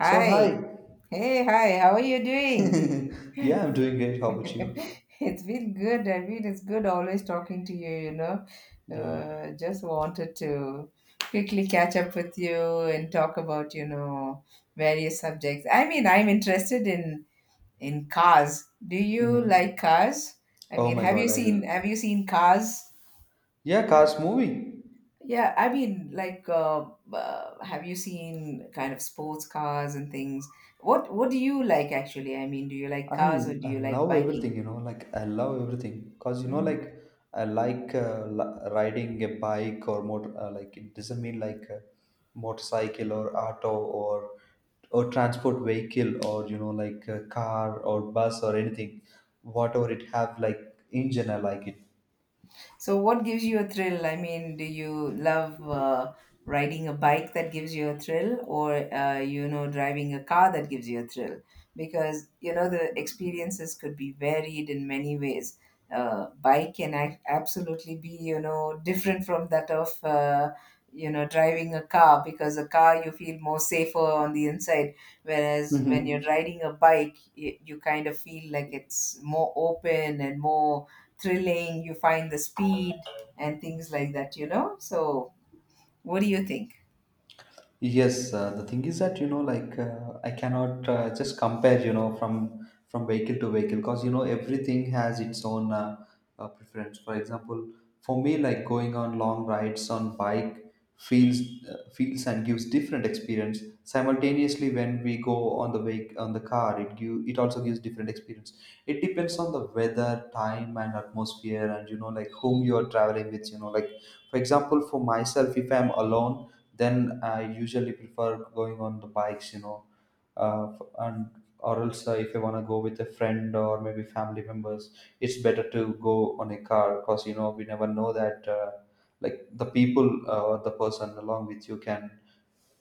So hi. Hey, hi. How are you doing? Yeah, I'm doing great. How about you? It's been good. I mean, it's good always talking to you, you know. Yeah. Just wanted to quickly catch up with you and talk about, you know, various subjects. I mean, I'm interested in cars. Do you like Mm-hmm. cars? I Oh mean, my have you God, seen have you seen cars? yeah, Cars movie. Yeah, I mean, like, have you seen kind of sports cars and things? What do you like actually? I mean, do you like cars or do I you like love biking? everything. You know, like I love everything. Cause you know, Mm-hmm. like I like riding a bike or motor. Like it doesn't mean like a motorcycle or auto or transport vehicle or you know like a car or bus or anything. Whatever it have like engine, I like So, what gives you a thrill? I mean, do you love riding a bike that gives you a thrill, or you know, driving a car that gives you a thrill? Because you know, the experiences could be varied in many ways. Bike can absolutely be you know different from that of you know driving a car because a car you feel more safer on the inside, whereas when it. you're riding a bike, you kind of feel like it's more open and more thrilling. You find the speed and things like that, you know, so what do you think? Yes, the thing is that you know, like I cannot just compare, you know, from vehicle to vehicle, because you know everything has its own preference. For example, for me, like going on long rides on bike feels feels and gives different experience. Simultaneously, when we go on the vehicle on the car, it also gives different experience. It depends on the weather, time, and atmosphere, and you know, like whom you are traveling with. You know, like for example, for myself, if I'm alone, then I usually prefer going on the bikes, you know, f- and or else if I want to go with a friend or maybe family members, it's better to go on a car because you know we never know that like the people or the person along with you can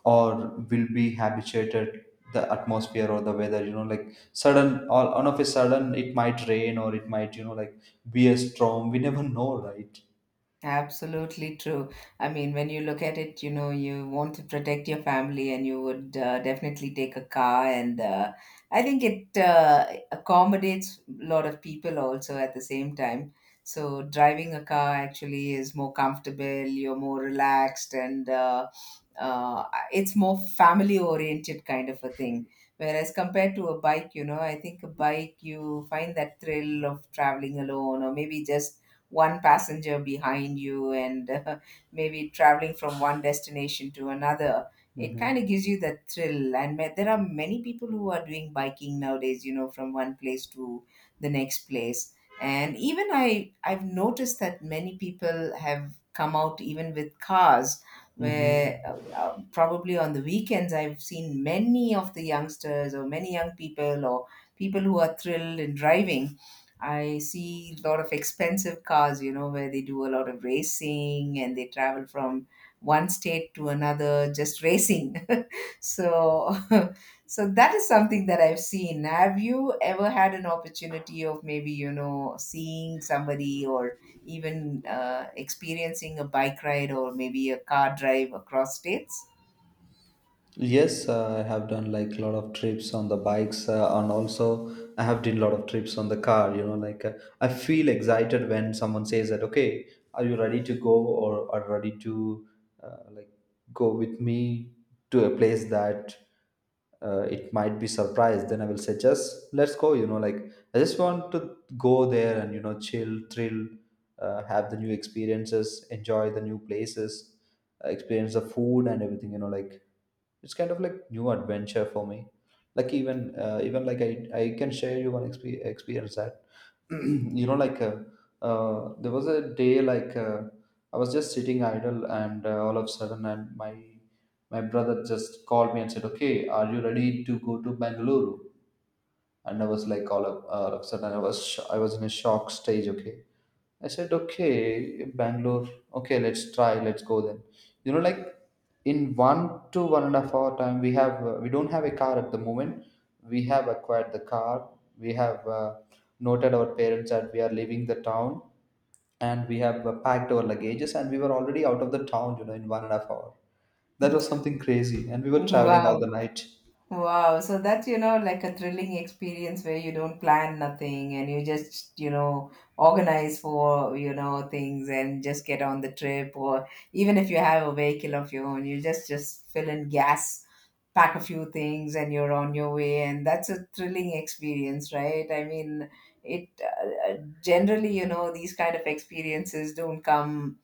or will be habituated the atmosphere or the weather, you know, like sudden all on of a sudden it might rain or it might you know like be a storm. We never know, right? Absolutely true. I mean, when you look at it, you know, you want to protect your family and you would definitely take a car. And I think it accommodates a lot of people also at the same time. So, driving a car actually is more comfortable, you're more relaxed, and uh, it's more family oriented kind of a thing. Whereas compared to a bike, you know, I think a bike, you find that thrill of traveling alone or maybe just one passenger behind you and maybe traveling from one destination to another, it kind of Mm-hmm. gives you that thrill. And there are many people who are doing biking nowadays, you know, from one place to the next place. And even I've noticed that many people have come out even with cars where Mm-hmm. Probably on the weekends I've seen many of the youngsters or many young people or people who are thrilled in driving. I see a lot of expensive cars, you know, where they do a lot of racing and they travel from one state to another just racing. so, so that is something that I've seen. Have you ever had an opportunity of maybe, you know, seeing somebody or even experiencing a bike ride or maybe a car drive across states? Yes, I have done like a lot of trips on the bikes, and also I have done a lot of trips on the car. You know, like I feel excited when someone says that, okay, are you ready to go or are ready to like go with me to a place that it might be surprised? Then I will say, just let's go. You know, like I just want to go there and you know, chill, thrill, have the new experiences, enjoy the new places, experience the food and everything. You know, like it's kind of like new adventure for me like even like I can share you one experience that you know like there was a day like I was just sitting idle and all of a sudden and my brother just called me and said okay, are you ready to go to Bangalore? And I was like all of a sudden I was I was in a shock stage. Okay, I said okay, Bangalore. Okay, let's try. Let's go then. You know, like in 1 to 1.5 hour time, we don't have a car at the moment. We have acquired the car. We have noted our parents that we are leaving the town, and we have packed our luggages and we were already out of the town, you know, in 1.5 hour. That was something crazy and we were traveling all Wow. the night. Wow, so that's, you know, like a thrilling experience where you don't plan nothing and you just, you know, organize for, you know, things and just get on the trip. Or even if you have a vehicle of your own, you just fill in gas, pack a few things and you're on your way, and that's a thrilling experience, right? I mean, it generally, you know, these kind of experiences don't come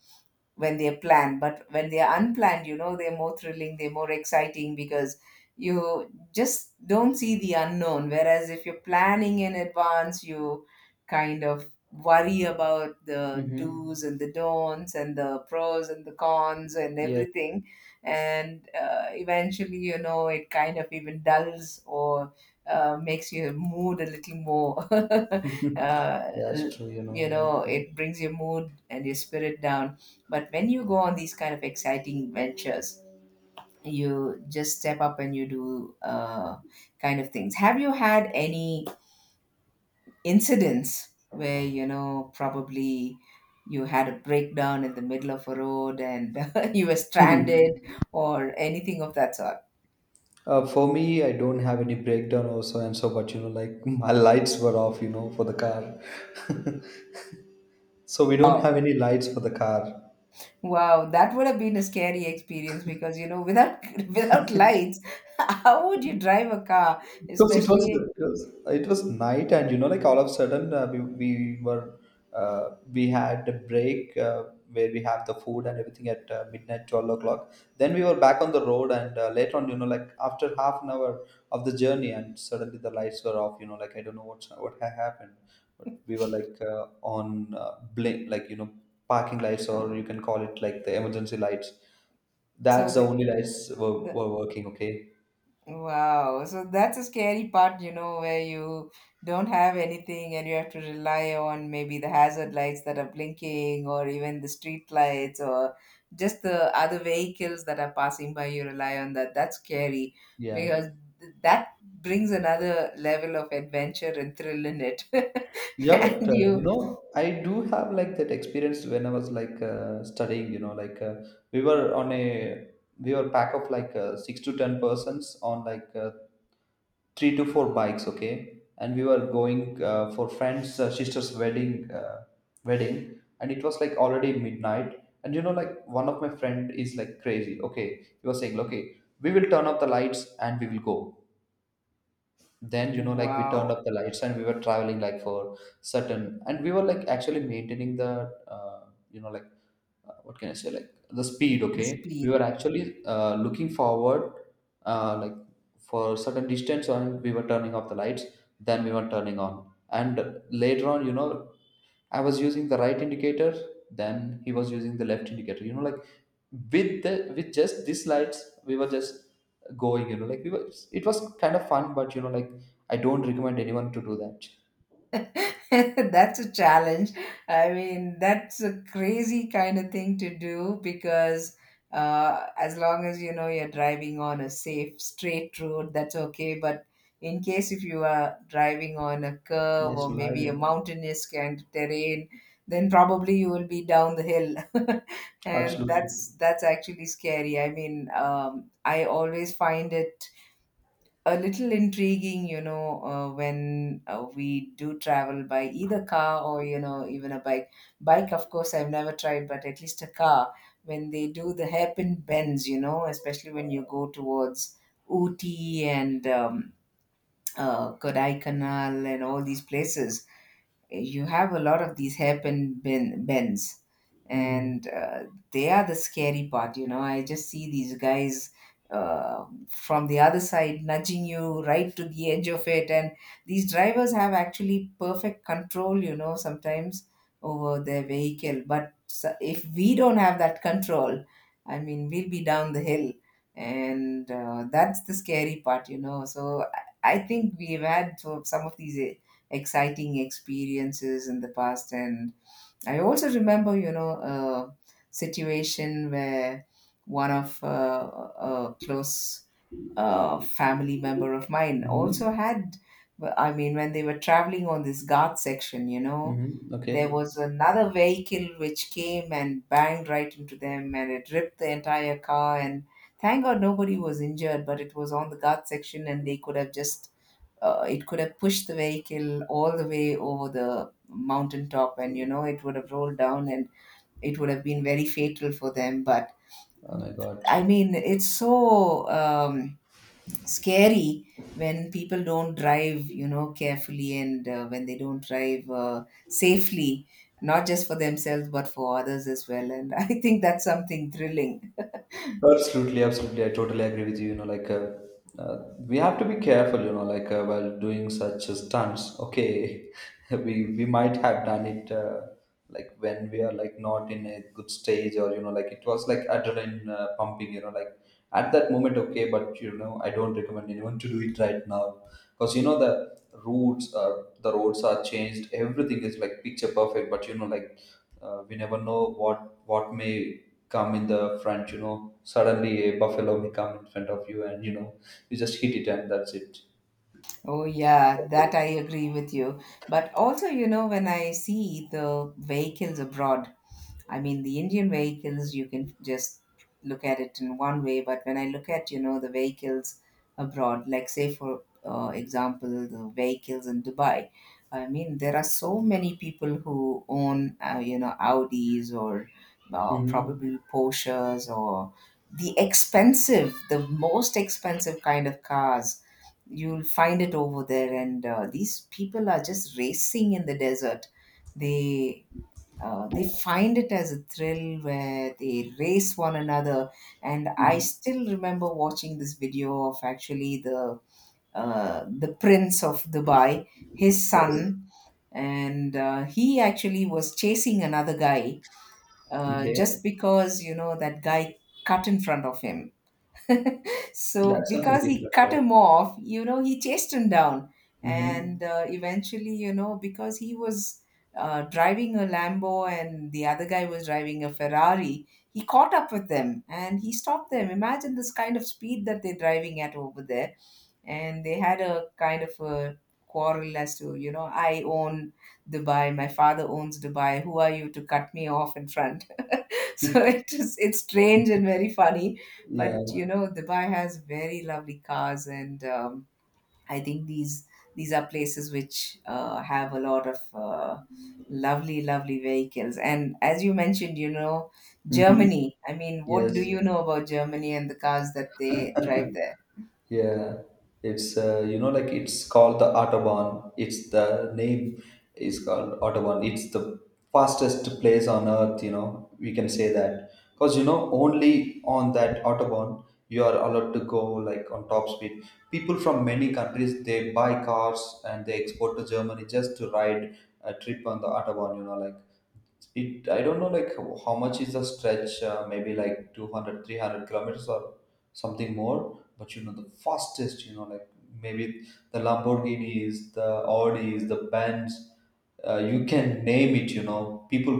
when they're planned, but when they're unplanned, you know, they're more thrilling, they're more exciting, because you just don't see the unknown. Whereas if you're planning in advance, you kind of worry about the do's Mm-hmm. and the don'ts and the pros and the cons and everything. And eventually, you know, it kind of even dulls or makes your mood a little more l- That's true, you you know, like know, it brings your mood and your spirit down. But when you go on these kind of exciting ventures, you just step up and you do kind of things. Have you had any incidents where, you know, probably you had a breakdown in the middle of a road and you were uh, stranded or anything of that sort? For me, I don't have any breakdown also, and so but you know, like my lights were off, you know, for the car, so we don't Wow. have any lights for the car. Wow, that would have been a scary experience, because you know, without without because lights, how would you drive a car, especially because it was night and you know like all of a sudden we were we had a break where we have the food and everything at midnight 12 o'clock, then we were back on the road and later on you know like after half an hour of the journey and suddenly the lights were off, you know, like I don't know what had happened but we were like on blink like you know parking lights or you can call it like the emergency lights. so That's the only lights the were working, okay? Wow. So that's a scary part, you know, where you don't have anything and you have to rely on maybe the hazard lights that are blinking, or even the street lights, or just the other vehicles that are passing by. You rely on that. That's scary Yeah. because that brings another level of adventure and thrill in it. Yeah, And but you know, I do have like that experience when I was like studying, you know, like we were on a we were pack of like six to ten persons on like three to four bikes, okay? And we were going for friends' sister's wedding, and it was like already midnight. And you know, like one of my friend is like crazy, okay? He was saying, okay, we will turn off the lights and we will go, then you know like we turned wow, up the lights and we were traveling like for certain and we were like actually maintaining the you know like what can I say like the the speed, the okay, we speed. were actually looking forward like for certain distance and we were turning off the lights, then we were turning on, and later on you know I was using the right indicator, then he was using the left indicator, you know, like with just these lights we were just going, you know, like we were, it was kind of fun, but you know like I don't recommend anyone to do that. That's a challenge. I mean, that's a crazy kind of thing to do because as long as you know you're driving on a safe, straight road, that's okay. But in case if you are driving on a curve or National maybe a highway. mountainous kind of terrain, then probably you will be down the hill, and Absolutely. that's actually scary. I mean, I always find it a little intriguing, you know, when we do travel by either car or, you know, even a bike. Bike, of course, I've never tried, but at least a car, when they do the hairpin bends, you know, especially when you go towards Ooty and Kodaikanal and all these places, you have a lot of these hairpin bends. Mm-hmm. And they are the scary part, you know. I just see these guys from the other side nudging you right to the edge of it. And these drivers have actually perfect control, you know, sometimes over their vehicle. But if we don't have that control, I mean, we'll be down the hill. And that's the scary part, you know. So I think we've had some of these exciting experiences in the past. And I also remember, you know, a situation where one of a close family member of mine also Mm-hmm. had, I mean, when they were traveling on this guard section, you know, Mm-hmm. Okay. there was another vehicle which came and banged right into them and it ripped the entire car. And thank god nobody was injured, but it was on the guard section and they could have just it could have pushed the vehicle all the way over the mountaintop and you know it would have rolled down and it would have been very fatal for them. But Oh my God. I mean, it's so scary when people don't drive, you know, carefully, and when they don't drive safely, not just for themselves but for others as well. And I think that's something thrilling. Absolutely, absolutely. I totally agree with you. You know, like we have to be careful. You know, like while doing such stunts. Okay, we might have done it like when we are like not in a good stage, or you know, like it was like adrenaline pumping. You know, like at that moment, okay. But you know, I don't recommend anyone to do it right now because you know the roads are changed. Everything is like picture perfect, but you know, like we never know what may come in the front, you know, suddenly a buffalo may come in front of you and you know you just hit it and that's it. Oh yeah, that Okay. I agree with you. But also, you know, when I see the vehicles abroad, I mean, the Indian vehicles, you can just look at it in one way, but when I look at, you know, the vehicles abroad, like say for example, the vehicles in Dubai, I mean, there are so many people who own, you know, Audis or probably Porsches or the expensive, the most expensive kind of cars. You'll find it over there. And these people are just racing in the desert. they they find it as a thrill where they race one another. And I still remember watching this video of actually the prince of Dubai, his Yes. son. And he actually was chasing another guy Okay, just because you know that guy cut in front of him. So that's something because he different, cut right? him off, you know, he chased him down. Mm-hmm. And eventually, you know, because he was driving a lambo and the other guy was driving a ferrari, he caught up with them and he stopped them. Imagine this kind of speed that they're driving at over there. And they had a kind of a quarrel as to, you know, I own Dubai, my father owns Dubai, who are you to cut me off in front? So it is, it's strange and very funny. Yeah. But you know, Dubai has very lovely cars. And I think these are places which have a lot of uh, lovely, lovely vehicles. And as you mentioned, you know, Mm-hmm. Germany, I mean, what do Yes. you know about Germany and the cars that they drive there? Yeah, it's you know like it's called the autobahn. It's the name is called autobahn. It's the fastest place on earth. You know we can say that because you know only on that autobahn you are allowed to go like on top speed. People from many countries they buy cars and they export to Germany just to ride a trip on the autobahn. You know like it I don't know like how much is the stretch, maybe like 200 300 kilometers or something more, but you know the fastest you know like maybe the Lamborghinis, the Audis, the Benz, you can name it, you know, people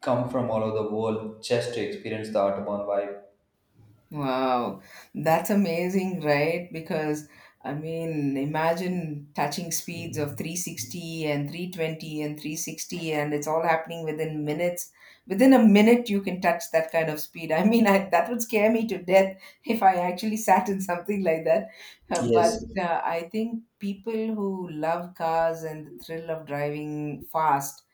come from all over the world just to experience the autobahn vibe. Wow, that's amazing, right? Because I mean, imagine touching speeds of 360 and 320 and 360, and it's all happening within minutes. Within a minute, you can touch that kind of speed. I mean, that would scare me to death if I actually sat in something like that. Uh, Yes. But uh, I think people who love cars and the thrill of driving fast,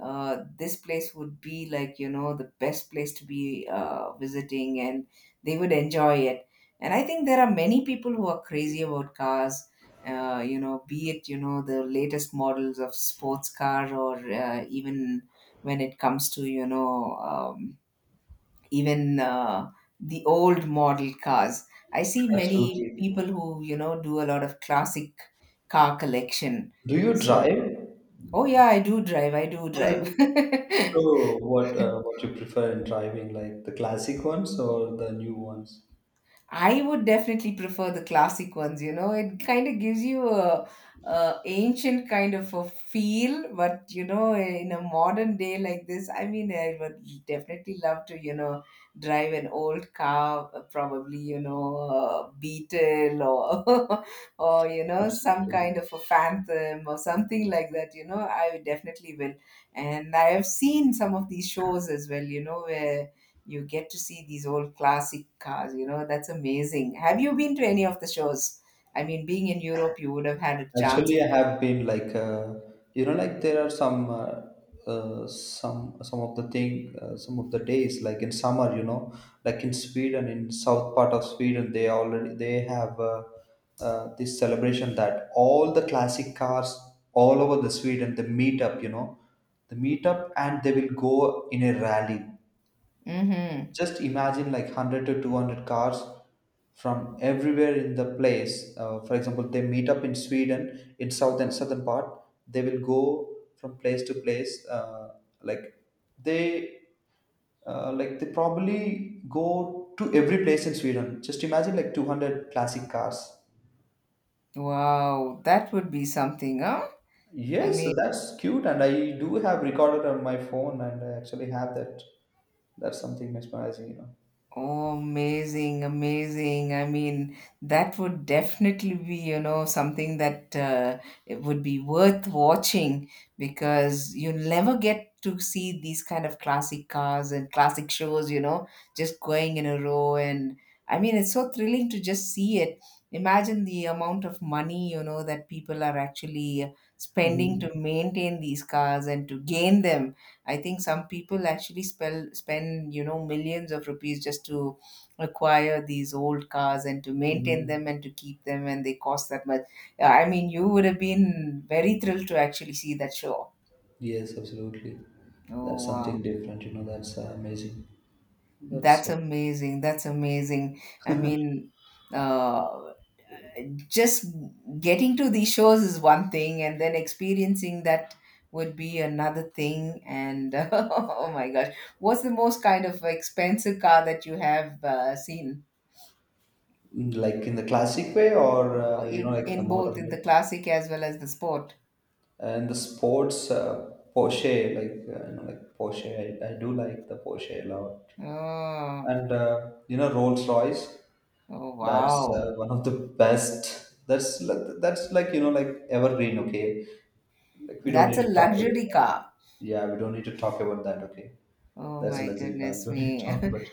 this place would be like you know the best place to be visiting, and they would enjoy it. And I think there are many people who are crazy about cars, you know, be it you know the latest models of sports car or even when it comes to you know even the old model cars. I see many Absolutely. people who, you know, do a lot of classic car collection. Do you So drive? oh yeah, I do drive, I do drive. So, what you prefer in driving, like the classic ones or the new ones? I would definitely prefer the classic ones, you know. It kind of gives you a ancient kind of a feel, but you know, in a modern day like this, I mean, I would definitely love to, you know, drive an old car, probably, you know, a Beetle or or you know, some Absolutely. kind of a Phantom or something like that, you know. I definitely will. And I have seen some of these shows as well, you know, where you get to see these old classic cars, you know, that's amazing. Have you been to any of the shows? I mean, being in Europe, you would have had a chance. Actually, I have been like, you know, like there are some, some of the thing, some of the days, like in summer, you know, like in Sweden, in south part of Sweden, they have this celebration that all the classic cars all over the Sweden they meet up, you know, they meet up and they will go in a rally. Mm-hmm. Just imagine like 100 to 200 cars from everywhere in the place, for example they meet up in Sweden, in southern part, they will go from place to place, like they like they probably go to every place in Sweden. Just imagine like 200 classic cars. Wow, that would be something, huh? I Yes, so mean, that's cute and I do have recorded on my phone and I actually have that. That's something mesmerizing, you know. oh, amazing, amazing. I mean, that would definitely be, you know, something that it would be worth watching, because you never get to see these kind of classic cars and classic shows, you know, just going in a row. And I mean, it's so thrilling to just see it. Imagine the amount of money, you know, that people are actually spending Mhm. to maintain these cars and to gain them. I think some people actually spend, you know, millions of rupees just to acquire these old cars and to maintain Mhm. them and to keep them, and they cost that much. Yeah, I mean, you would have been very thrilled to actually see that show. Yes, absolutely. Oh, That's something wow. different. You know, that's amazing. That's That's amazing. That's amazing. I mean, uh, just getting to these shows is one thing, and then experiencing that would be another thing. And oh my gosh, what's the most kind of expensive car that you have seen? like in the classic way, or Oh, you know, like the in both, modern in way. the classic as well as the sport. And the sports Porsche, like you know, like Porsche. I do like the Porsche a lot. Oh, And you know, Rolls Royce. oh That's wow, one of the best. That's like you know, like evergreen. Okay, like we don't that's need a to talk about luxury that. car. Yeah, we don't need to talk about that. Okay, Oh that's a my luxury car. We goodness don't need to me. talk about.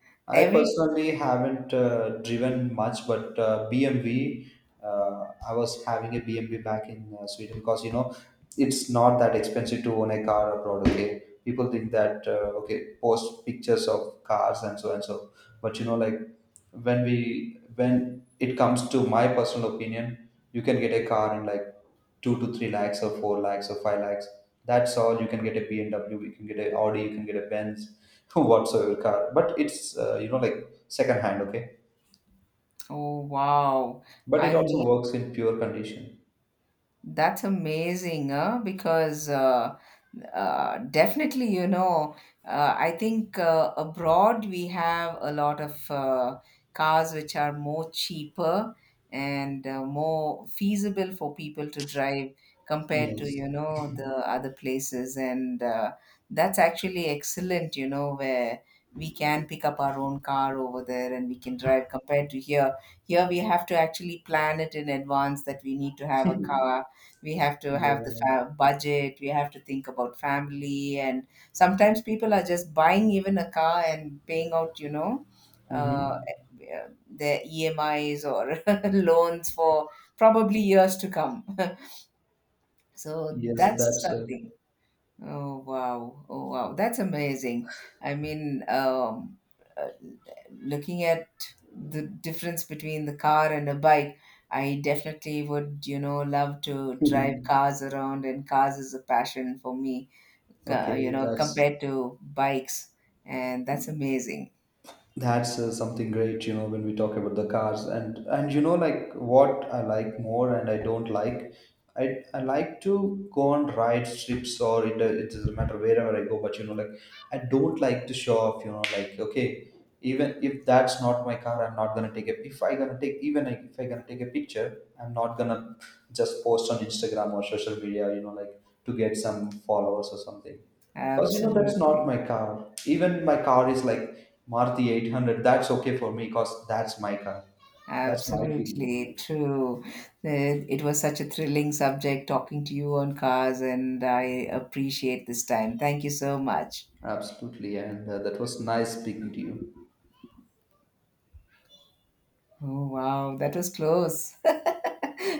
I Every personally haven't driven much, but BMW, uh, I was having a BMW back in Sweden because you know it's not that expensive to own a car abroad. Okay, people think that okay, post pictures of cars and so, but you know like when it comes to my personal opinion, you can get a car in like two to three lakhs or four lakhs or five lakhs. That's all. You can get a BMW, you can get a Audi, you can get a Benz, whatsoever car, but it's you know like second hand, okay, oh wow, but it I also mean, works in pure condition. that's amazing, huh? Because definitely, you know, I think abroad we have a lot of cars which are more cheaper and more feasible for people to drive compared to, Yes. you know, the other places. And that's actually excellent, you know, where we can pick up our own car over there and we can drive compared to here. Here we have to actually plan it in advance that we need to have a car. We have to have the Yeah. Budget, we have to think about family. And sometimes people are just buying even a car and paying out, you know, uh, Mm-hmm. their EMIs or loans for probably years to come. So Yes, that's that's something. Oh wow! Oh wow! That's amazing. I mean, uh, looking at the difference between the car and a bike, I definitely would, you know, love to drive it. cars around, and cars is a passion for me. You Okay, know, that's compared to bikes, and that's amazing. That's something great, you know, when we talk about the cars and you know like what I like more and I don't like. I, I like to go on ride trips, or it doesn't matter wherever I go. But you know, like I don't like to show off. You know, like okay, even if that's not my car, I'm not gonna take a. If I gonna take even if I gonna take a picture, I'm not gonna just post on Instagram or social media. You know, like to get some followers or something because you know that's not Absolutely, my car. Even my car is like Maruti 800. That's okay for me because that's my car. That's my feeling. You know, absolutely like true. It was such a thrilling subject talking to you on cars, and I appreciate this time. Thank you so much. absolutely. And that was nice speaking to you. Oh, wow, that was close.